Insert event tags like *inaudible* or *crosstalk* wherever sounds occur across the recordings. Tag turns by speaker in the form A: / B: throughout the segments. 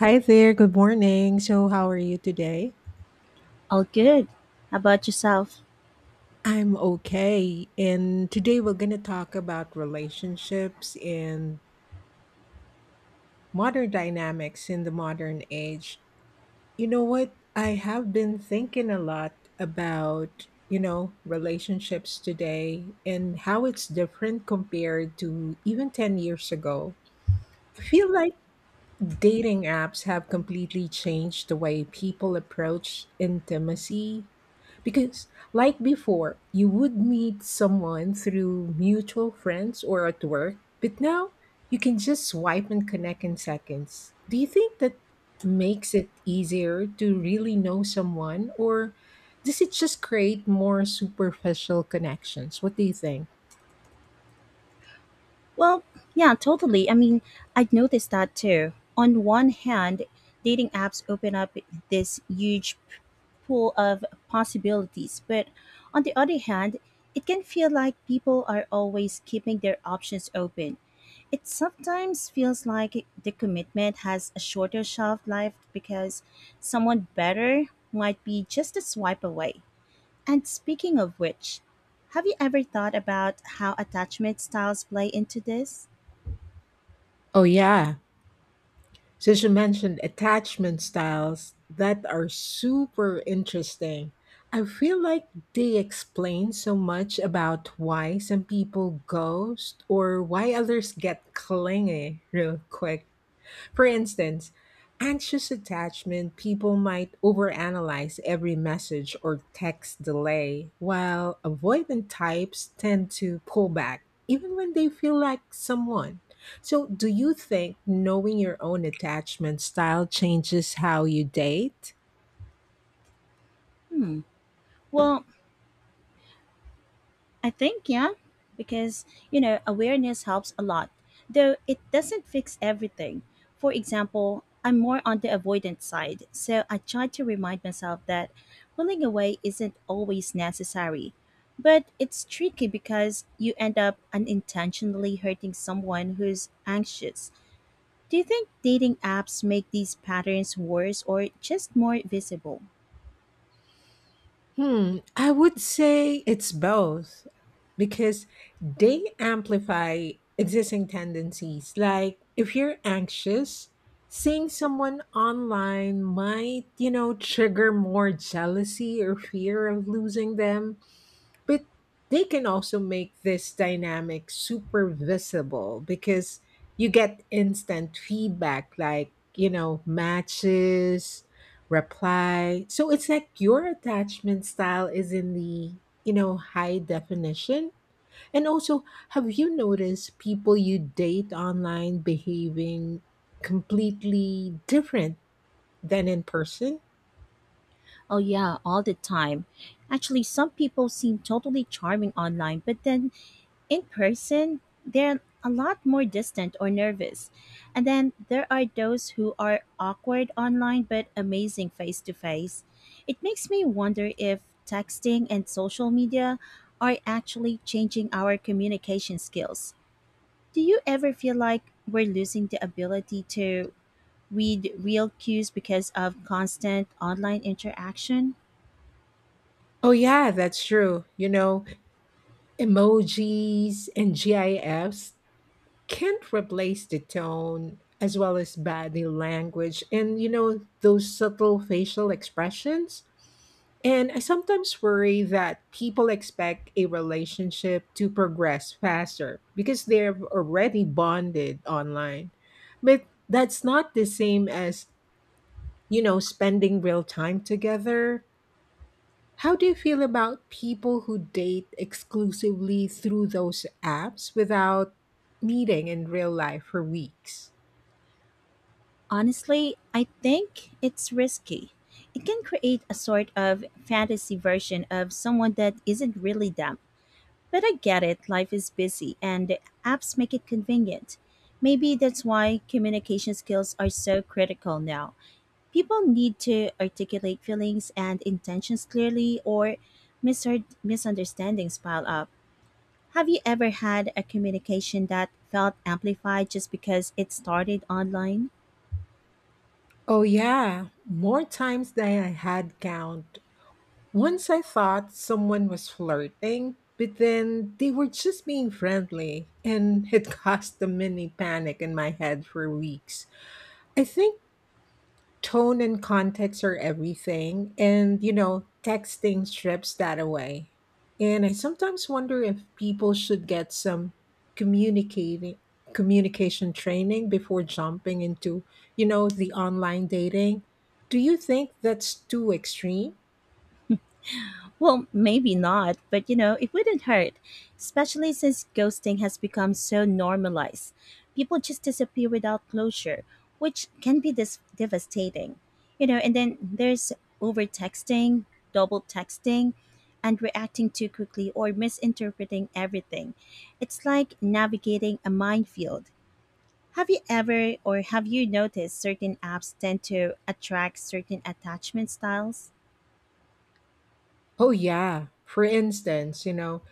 A: Hi there, good morning. So, how are you today?
B: All good. How about yourself?
A: I'm okay. And today we're going to talk about relationships and modern dynamics in the modern age. You know what? I have been thinking a lot about, you know, relationships today and how it's different compared to even 10 years ago. I feel like dating apps have completely changed the way people approach intimacy because, like before, you would meet someone through mutual friends or at work, but now you can just swipe and connect in seconds. Do you think that makes it easier to really know someone, or does it just create more superficial connections? What do you think?
B: Well, yeah, totally. I mean, I have noticed that too. On one hand, dating apps open up this pool of possibilities, but on the other hand, it can feel like people are always keeping their options open. It sometimes feels like the commitment has a shorter shelf life because someone better might be just a swipe away. And speaking of which, have you ever thought about how attachment styles play into this?
A: Oh, yeah. Since you mentioned attachment styles that are super interesting, I feel like they explain so much about why some people ghost or why others get clingy real quick. For instance, anxious attachment people might overanalyze every message or text delay, while avoidant types tend to pull back even when they feel like someone. So, do you think knowing your own attachment style changes how you date?
B: Hmm. Well, I think, yeah, because, you know, awareness helps a lot, though it doesn't fix everything. For example, I'm more on the avoidant side, so I try to remind myself that pulling away isn't always necessary. But it's tricky because you end up unintentionally hurting someone who's anxious. Do you think dating apps make these patterns worse or just more visible?
A: Hmm, I would say it's both because they amplify existing tendencies. Like if you're anxious, seeing someone online might, you know, trigger more jealousy or fear of losing them. But they can also make this dynamic super visible because you get instant feedback like, you know, matches, reply. So it's like your attachment style is in the, you know, high definition. And also, have you noticed people you date online behaving completely different than in person?
B: Oh, yeah, all the time. Actually, some people seem totally charming online, but then in person, they're a lot more distant or nervous. And then there are those who are awkward online but amazing face to face. It makes me wonder if texting and social media are actually changing our communication skills. Do you ever feel like we're losing the ability to with real cues because of constant online interaction?
A: Oh, yeah, that's true. You know, emojis and GIFs can't replace the tone as well as body language and you know those subtle facial expressions, and I sometimes worry that people expect a relationship to progress faster because they're already bonded online, but that's not the same as, you know, spending real time together. How do you feel about people who date exclusively through those apps without meeting in real life for weeks?
B: Honestly, I think it's risky. It can create a sort of fantasy version of someone that isn't really them. But I get it, life is busy and apps make it convenient. Maybe that's why communication skills are so critical now. People need to articulate feelings and intentions clearly, or misunderstandings pile up. Have you ever had a communication that felt amplified just because it started online?
A: Oh, yeah, more times than I had count. Once I thought someone was flirting, but then they were just being friendly, and it *laughs* caused a mini panic in my head for weeks. I think tone and context are everything, and you know, texting strips that away. And I sometimes wonder if people should get some communicating communication training before jumping into, you know, the online dating. Do you think that's too extreme?
B: Well, maybe not, but you know, it wouldn't hurt, especially since ghosting has become so normalized. People just disappear without closure, which can be devastating. You know, and then there's over texting, double texting, and reacting too quickly or misinterpreting everything. It's like navigating a minefield. Have you noticed certain apps tend to attract certain attachment styles?
A: Oh yeah. For instance, you know,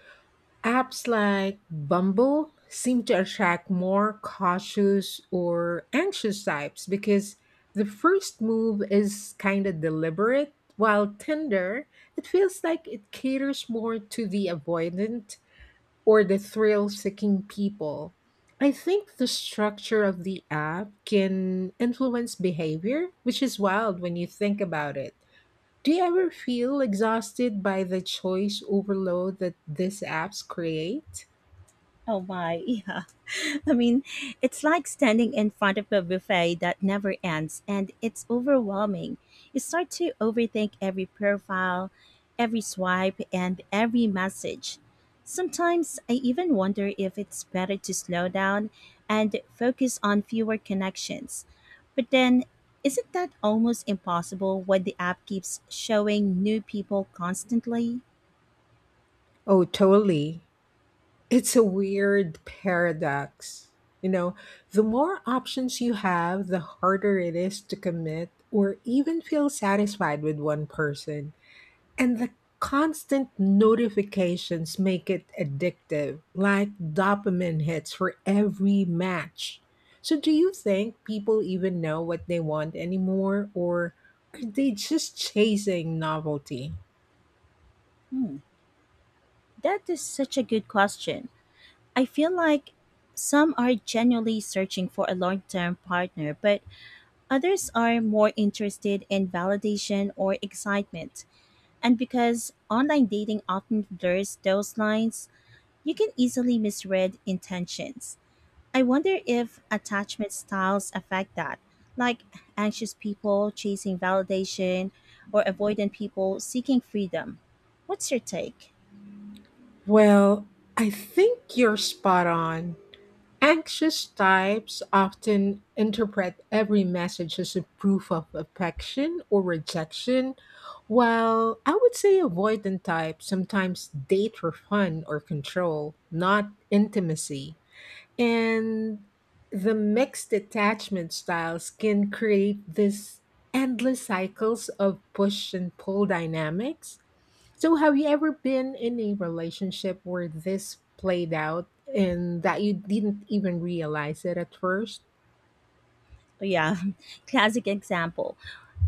A: apps like Bumble seem to attract more cautious or anxious types because the first move is kind of deliberate, while Tinder, it feels like it caters more to the avoidant or the thrill seeking people. I think the structure of the app can influence behavior, which is wild when you think about it. Do you ever feel exhausted by the choice overload that these apps create?
B: Oh my, *laughs* yeah. I mean, it's like standing in front of a buffet that never ends and it's overwhelming. You start to overthink every profile, every swipe, and every message. Sometimes I even wonder if it's better to slow down and focus on fewer connections. But then, isn't that almost impossible when the app keeps showing new people constantly?
A: Oh, totally. It's a weird paradox. You know, the more options you have, the harder it is to commit or even feel satisfied with one person. And the constant notifications make it addictive, like dopamine hits for every match. So, do you think people even know what they want anymore, or are they just chasing novelty?
B: Hmm, that is such a good question. I feel like some are genuinely searching for a long term partner, but others are more interested in validation or excitement. And because online dating often blurs those lines, you can easily misread intentions. I wonder if attachment styles affect that, like anxious people chasing validation or avoidant people seeking freedom. What's your take?
A: Well, I think you're spot on. Anxious types often interpret every message as a proof of affection or rejection, while I would say avoidant types sometimes date for fun or control, not intimacy. And the mixed attachment styles can create this endless cycles of push and pull dynamics. So, have you ever been in a relationship where this played out and that you didn't even realize it at first?
B: Yeah, *laughs* classic example.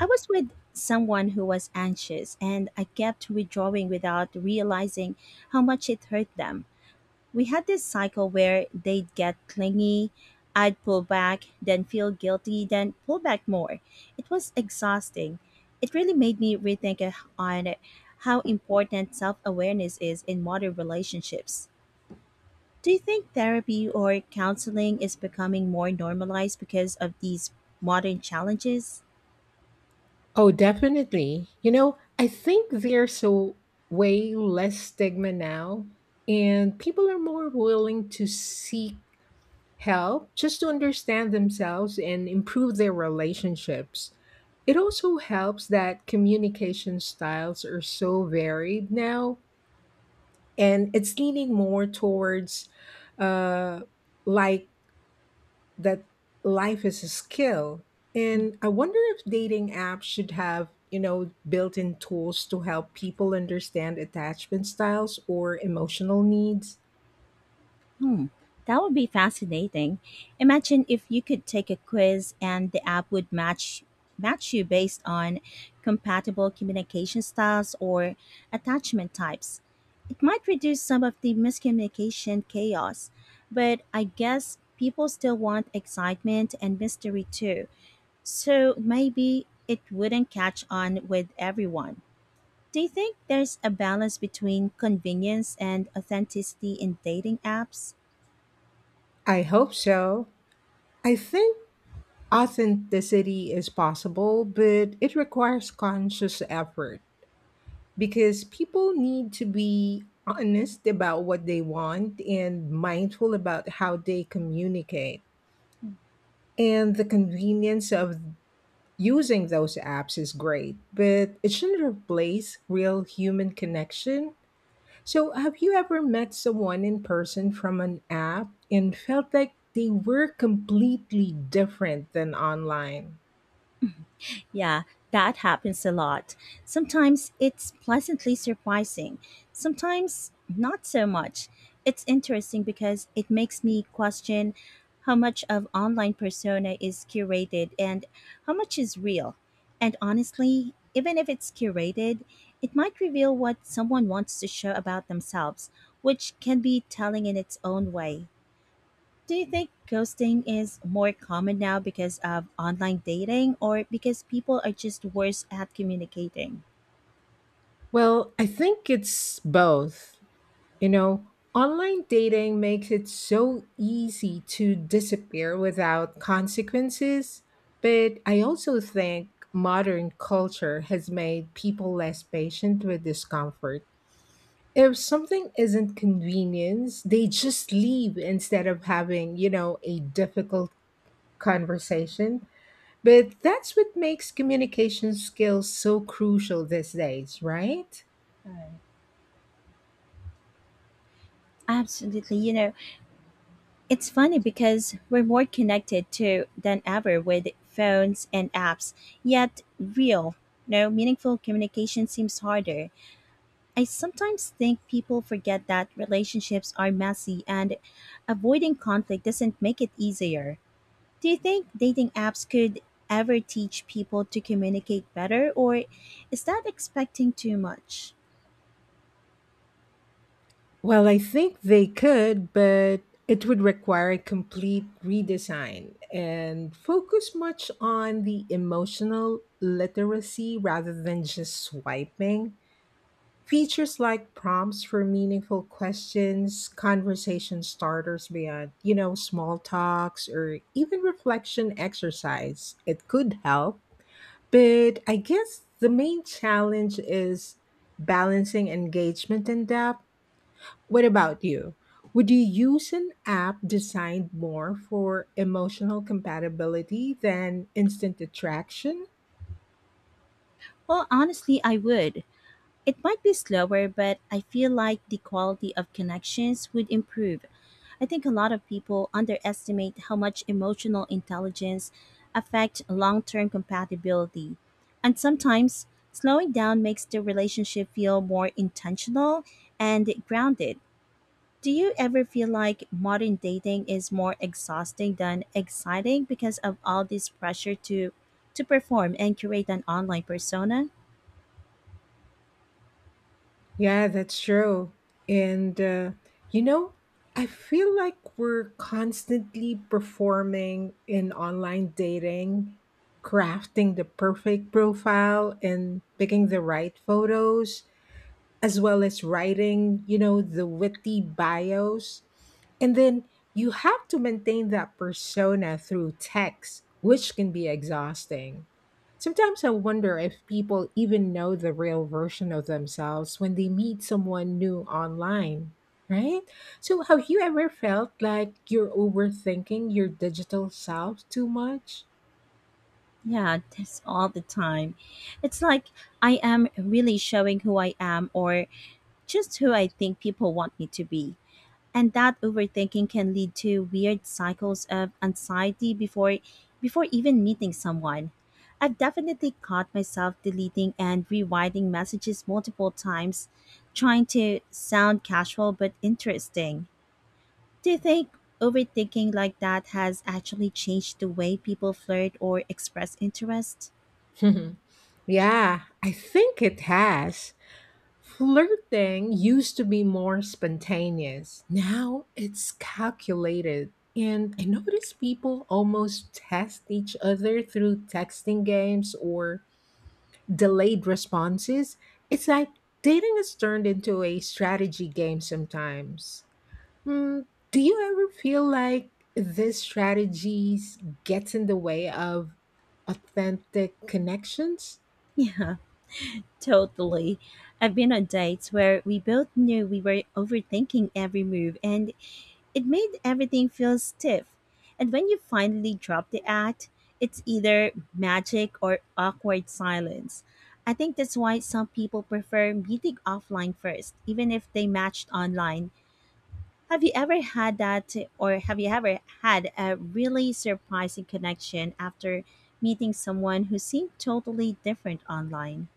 B: I was with someone who was anxious and I kept withdrawing without realizing how much it hurt them. We had this cycle where they'd get clingy, I'd pull back, then feel guilty, then pull back more. It was exhausting. It really made me rethink on how important self awareness is in modern relationships. Do you think therapy or counseling is becoming more normalized because of these modern challenges?
A: Oh, definitely. You know, I think there's so way less stigma now, and people are more willing to seek help just to understand themselves and improve their relationships. It also helps that communication styles are so varied now and it's leaning more towards uh like that life is a skill. And I wonder if dating apps should have, you know, built-in tools to help people understand attachment styles or emotional needs.
B: Hmm, that would be fascinating. Imagine if you could take a quiz and the app would match you based on compatible communication styles or attachment types. It might reduce some of the miscommunication chaos, but I guess people still want excitement and mystery too. So maybe it wouldn't catch on with everyone. Do you think there's a balance between convenience and authenticity in dating apps?
A: I hope so. I think authenticity is possible but it requires conscious effort because people need to be honest about what they want and mindful about how they communicate. And the convenience of using those apps is great, but it shouldn't replace real human connection. So, have you ever met someone in person from an app and felt like they were completely different than online?
B: Yeah, that happens a lot. Sometimes it's pleasantly surprising, sometimes not so much. It's interesting because it makes me question how much of online persona is curated and how much is real. And honestly, even if it's curated, it might reveal what someone wants to show about themselves, which can be telling in its own way. Do you think ghosting is more common now because of online dating or because people are just worse at communicating?
A: Well, I think it's both. You know, online dating makes it so easy to disappear without consequences, but I also think modern culture has made people less patient with discomfort. If something isn't convenience, they just leave instead of having, you know, a difficult conversation. But that's what makes communication skills so crucial these days, right?
B: Absolutely. You know, it's funny because we're more connected to than ever with phones and apps, yet real, no meaningful communication seems harder. I sometimes think people forget that relationships are messy and avoiding conflict doesn't make it easier. Do you think dating apps could ever teach people to communicate better, or is that expecting too much?
A: Well, I think they could, but it would require a complete redesign and focus much on the emotional literacy rather than just swiping. Features like prompts for meaningful questions, conversation starters beyond, you know, small talks, or even reflection exercise. It could help. But I guess the main challenge is balancing engagement and depth. What about you? Would you use an app designed more for emotional compatibility than instant attraction?
B: Well, honestly, I would. It might be slower, but I feel like the quality of connections would improve. I think a lot of people underestimate how much emotional intelligence affect long-term compatibility. And sometimes slowing down makes the relationship feel more intentional and grounded. Do you ever feel like modern dating is more exhausting than exciting because of all this pressure to perform and create an online persona?
A: Yeah, that's true. And, you know, I feel like we're constantly performing in online dating, crafting the perfect profile and picking the right photos as well as writing, you know, the witty bios. And then you have to maintain that persona through text, which can be exhausting. Sometimes I wonder if people even know the real version of themselves when they meet someone new online, right? So, have you ever felt like you're overthinking your digital self too much?
B: Yeah, *laughs* this all the time. It's like I am really showing who I am or just who I think people want me to be. And that overthinking can lead to weird cycles of anxiety before even meeting someone. I've definitely caught myself deleting and rewriting messages multiple times, trying to sound casual but interesting. Do you think overthinking like that has actually changed the way people flirt or express interest? *laughs*
A: *laughs* Yeah, I think it has. Flirting used to be more spontaneous. Now it's calculated. And I notice people almost test each other through texting games or delayed responses. It's like dating has turned into a strategy game sometimes. Hmm, do you ever feel like this strategies gets in the way of authentic connections?
B: Yeah, totally. I've been on dates where we both knew we were overthinking every move, and it made everything feel stiff. And when you finally drop the act, it's either magic or awkward silence. I think that's why some people prefer meeting offline first, even if they matched online. Have you ever had a really surprising connection after meeting someone who seemed totally different online?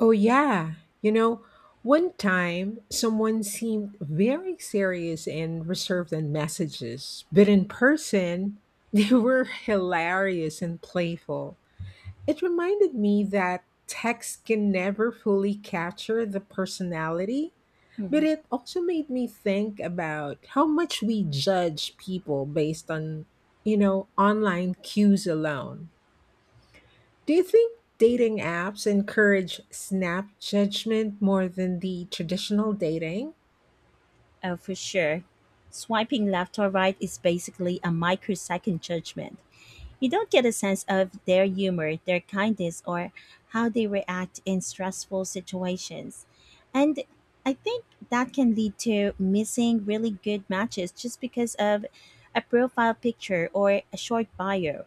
A: Oh, yeah. You know, one time someone seemed very serious and reserved in messages, but in person, *laughs* they were hilarious and playful. It reminded me that text can never fully capture the personality, but
B: Hmm.
A: it also made me think about how much we judge people based on, you know, online cues alone. Do you think dating apps encourage snap judgment more than the traditional dating?
B: Oh, for sure. Swiping left or right is basically a microsecond judgment. You don't get a sense of their humor, their kindness, or how they react in stressful situations. And I think that can lead to missing really good matches just because of a profile picture or a short bio.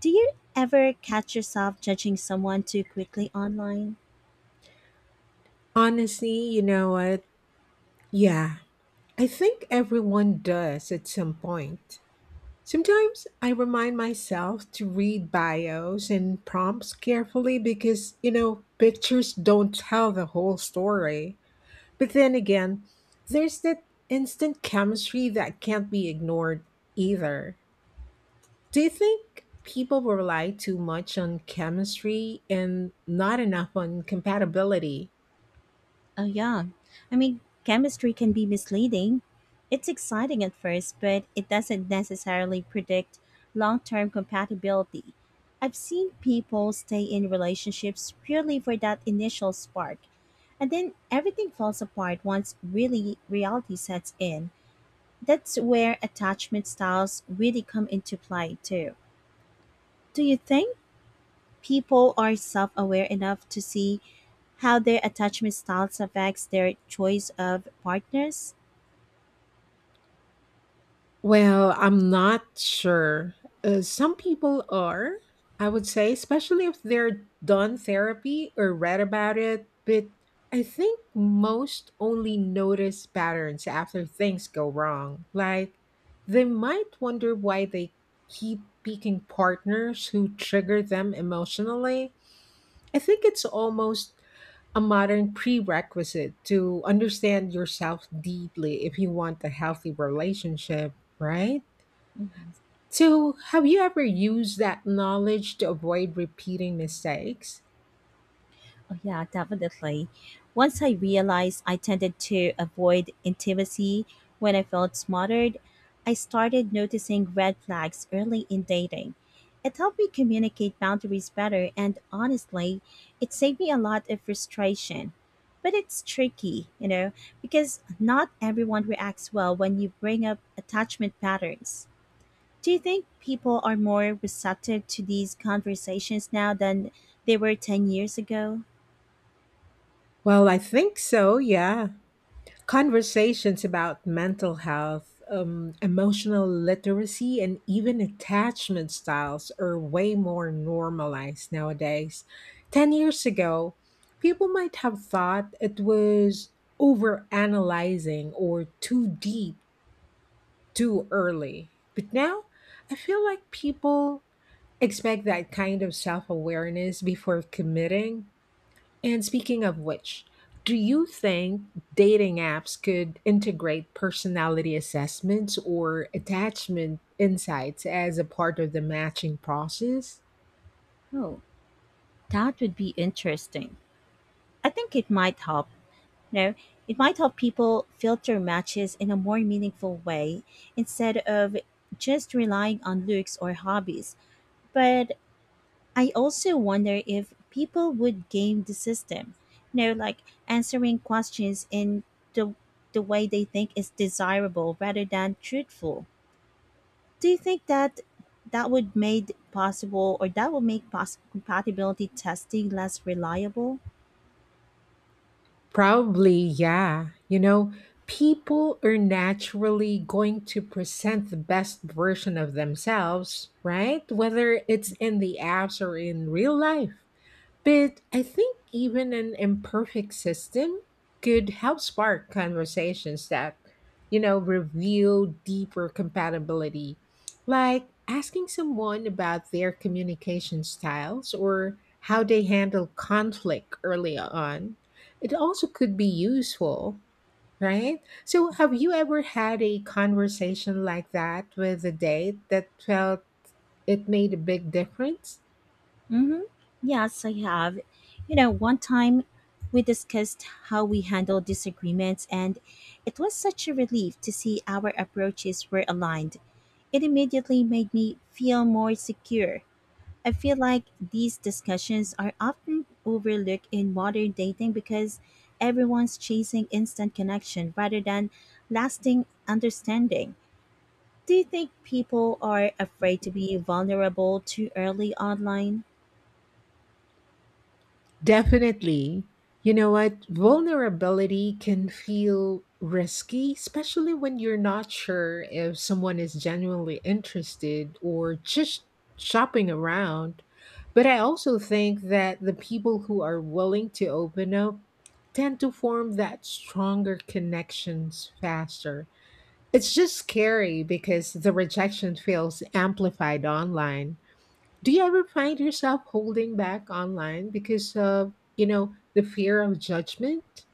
B: Do you ever catch yourself judging someone too quickly online?
A: Honestly, you know what? Yeah, I think everyone does at some point. Sometimes I remind myself to read bios and prompts carefully because, you know, pictures don't tell the whole story. But then again, there's that instant chemistry that can't be ignored either. Do you think people will rely too much on chemistry and not enough on compatibility?
B: Oh, yeah. Chemistry can be misleading. It's exciting at first, but it doesn't necessarily predict long term compatibility. I've seen people stay in relationships purely for that initial spark, and then everything falls apart once really reality sets in. That's where attachment styles really come into play, too. Do you think people are self aware enough to see how their attachment styles affects their choice of partners?
A: Well, I'm not sure. Some people are, I would say, especially if they're done therapy or read about it. But I think most only notice patterns after things go wrong. Like, they might wonder why they keep picking partners who trigger them emotionally. I think it's almost a modern prerequisite to understand yourself deeply if you want a healthy relationship, right?
B: Mhm.
A: So, have you ever used that knowledge to avoid repeating mistakes?
B: Oh, yeah, definitely. Once I realized I tended to avoid intimacy when I felt smothered, I started noticing red flags early in dating. It helped me communicate boundaries better, and honestly, it saved me a lot of frustration. But it's tricky, you know, because not everyone reacts well when you bring up attachment patterns. Do you think people are more receptive to these conversations now than they were 10 years ago?
A: Well, I think so, yeah. Conversations about mental health, emotional literacy, and even attachment styles are way more normalized nowadays. 10 years ago, people might have thought it was overanalyzing or too deep too early. But now, I feel like people expect that kind of self awareness before committing. And speaking of which, do you think dating apps could integrate personality assessments or attachment insights as a part of the matching process?
B: Oh, that would be interesting. I think it might help. You know, it might help people filter matches in a more meaningful way instead of just relying on looks or hobbies. But I also wonder if people would game the system. You know, like answering questions in the the way they think is desirable rather than truthful. Do you think that would made possible or that would make compatibility testing less reliable?
A: Probably, yeah. You know, people are naturally going to present the best version of themselves, right? Whether it's in the apps or in real life. But I think even an imperfect system could help spark conversations that, you know, reveal deeper compatibility. Like asking someone about their communication styles or how they handle conflict early on. It also could be useful, right? So, have you ever had a conversation like that with a date that felt it made a big difference?
B: hmm Yes, I have. You know, one time we discussed how we handle disagreements, and it was such a relief to see our approaches were aligned. It immediately made me feel more secure. I feel like these discussions are often overlooked in modern dating because everyone's chasing instant connection rather than lasting understanding. Do you think people are afraid to be vulnerable too early online?
A: Definitely. You know what? Vulnerability can feel risky, especially when you're not sure if someone is genuinely interested or just shopping around. But I also think that the people who are willing to open up tend to form that stronger connections faster. It's just scary because the rejection feels amplified online. Do you ever find yourself holding back online because of, you know, the fear of judgment?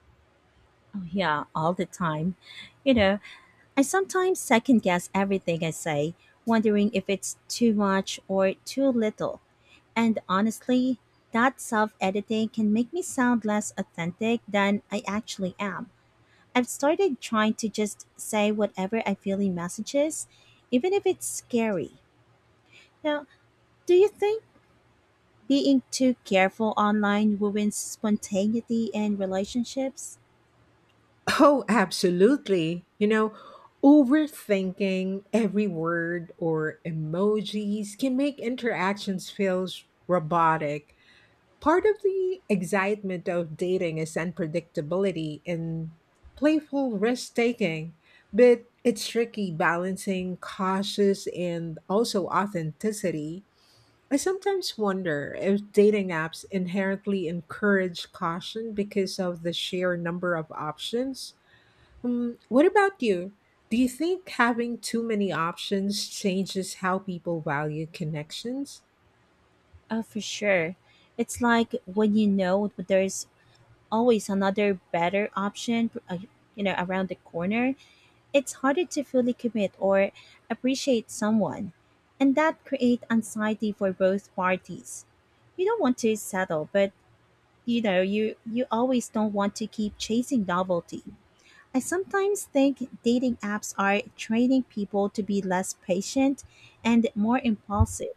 B: Yeah, all the time. You know, I sometimes second guess everything I say, wondering if it's too much or too little. And honestly, that self editing can make me sound less authentic than I actually am. I've started trying to just say whatever I feel in messages, even if it's scary. Now, do you think being too careful online ruins spontaneity in relationships?
A: Oh, absolutely. You know, overthinking every word or emojis can make interactions feel robotic. Part of the excitement of dating is unpredictability and playful risk taking, but it's tricky balancing cautious and also authenticity. I sometimes wonder if dating apps inherently encourage caution because of the sheer number of options. What about you? Do you think having too many options changes how people value connections?
B: Oh, for sure. It's like when you know there's always another better option, you know, around the corner. It's harder to fully commit or appreciate someone, and that create anxiety for both parties. You don't want to settle, but you know, you always don't want to keep chasing novelty. I sometimes think dating apps are training people to be less patient and more impulsive.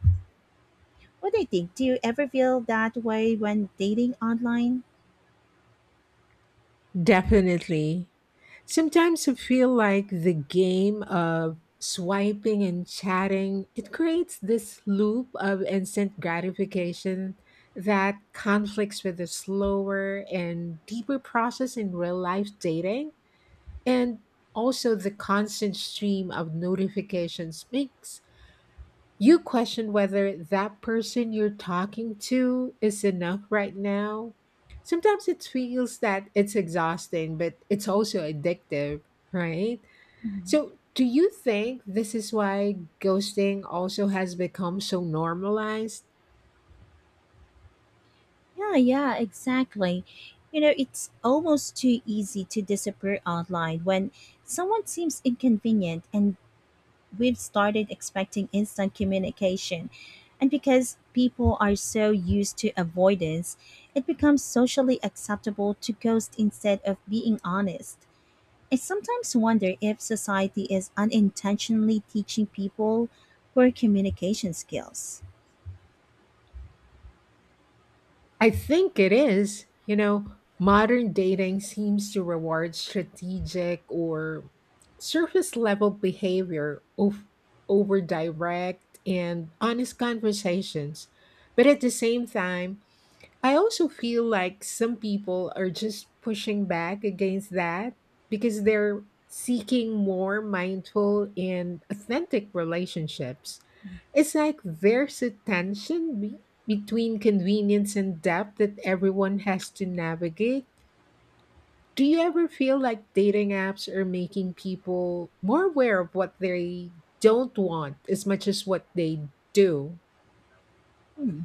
B: What do you think? Do you ever feel that way when dating online?
A: Definitely. Sometimes I feel like the game of swiping and chatting, it creates this loop of instant gratification that conflicts with the slower and deeper process in real life dating. And also the constant stream of notifications makes you question whether that person you're talking to is enough right now. Sometimes it feels that it's exhausting, but it's also addictive, right?
B: Mhm.
A: So, do you think this is why ghosting also has become so normalized?
B: Yeah, exactly. You know, it's almost too easy to disappear online when someone seems inconvenient and we've started expecting instant communication. And because people are so used to avoidance, it becomes socially acceptable to ghost instead of being honest. I sometimes wonder if society is unintentionally teaching people poor communication skills.
A: I think it is. You know, modern dating seems to reward strategic or surface level behavior of, over direct and honest conversations. But at the same time, I also feel like some people are just pushing back against that because they're seeking more mindful and authentic relationships. It's like there's a tension between convenience and depth that everyone has to navigate. Do you ever feel like dating apps are making people more aware of what they don't want as much as what they do?
B: Hmm.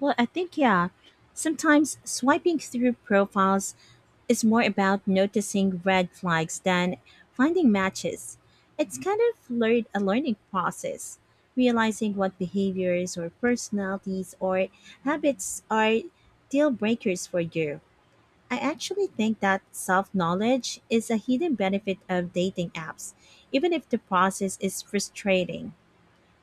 B: I think, yeah, sometimes swiping through profiles is more about noticing red flags than finding matches. It's kind of a learning process, realizing what behaviors or personalities or habits are deal breakers for you. I actually think that self knowledge is a hidden benefit of dating apps, even if the process is frustrating.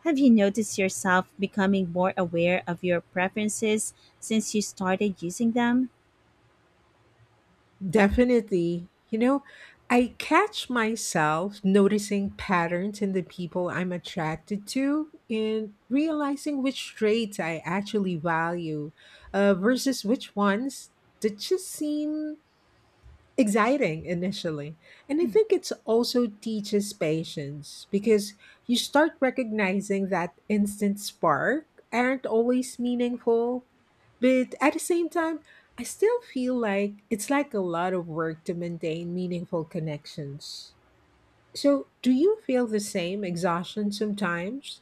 B: Have you noticed yourself becoming more aware of your preferences since you started using them?
A: Definitely. You know, I catch myself noticing patterns in the people I'm attracted to and realizing which traits I actually value versus which ones that just seem exciting initially. And I think it's also teaches patience because you start recognizing that instant spark aren't always meaningful. But at the same time, I still feel like it's like a lot of work to maintain meaningful connections. So, do you feel the same exhaustion sometimes?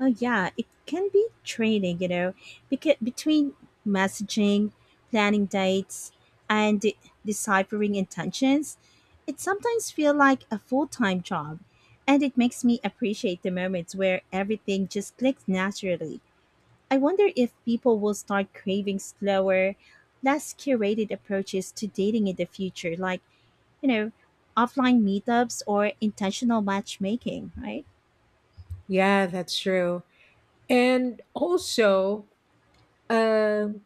B: Oh, yeah, it can be training, you know, because between messaging, planning dates, and deciphering intentions, it sometimes feels like a full time job and it makes me appreciate the moments where everything just clicks naturally. I wonder if people will start craving slower, less curated approaches to dating in the future, like, you know, offline meetups or intentional matchmaking, right?
A: Yeah, that's true. And also, um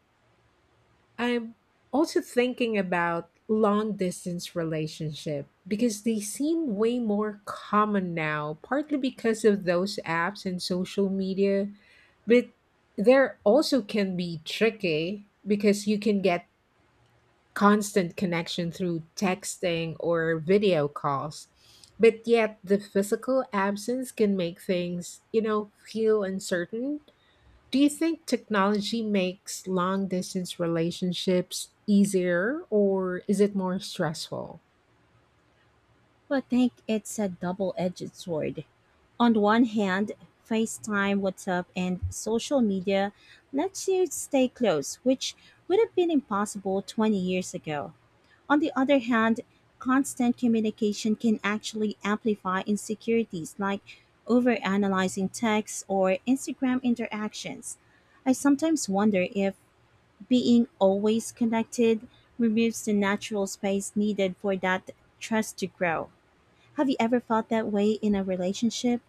A: I'm also thinking about long distance relationship because they seem way more common now, partly because of those apps and social media, but there also can be tricky because you can get constant connection through texting or video calls. But yet the physical absence can make things, you know, feel uncertain. Do you think technology makes long distance relationships easier or is it more stressful?
B: But I think it's a double edged sword. On one hand, FaceTime, WhatsApp, and social media lets you stay close, which would have been impossible 20 years ago. On the other hand, constant communication can actually amplify insecurities like overanalyzing texts or Instagram interactions. I sometimes wonder if being always connected removes the natural space needed for that trust to grow. Have you ever felt that way in a relationship?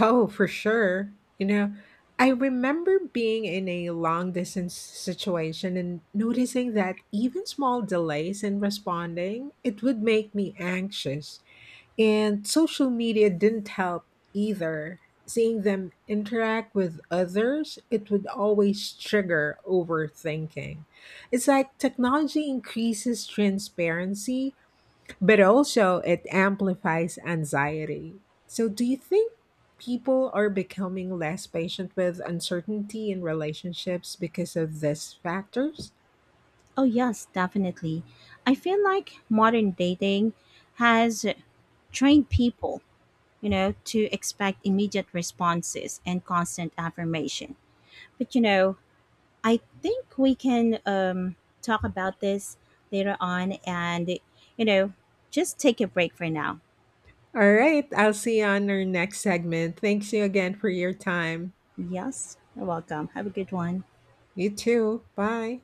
A: Oh, for sure. You know, I remember being in a long distance situation and noticing that even small delays in responding, it would make me anxious. And social media didn't help either. Seeing them interact with others, it would always trigger overthinking. It's like technology increases transparency, but also it amplifies anxiety. So, do you think people are becoming less patient with uncertainty in relationships because of these factors?
B: Oh, yes, definitely. I feel like modern dating has trained people, you know, to expect immediate responses and constant affirmation. But, you know, I think we can talk about this later on and, you know, just take a break for now.
A: All right, I'll see you on our next segment. Thanks you again for your time.
B: Yes, you're welcome. Have a good one.
A: You too. Bye.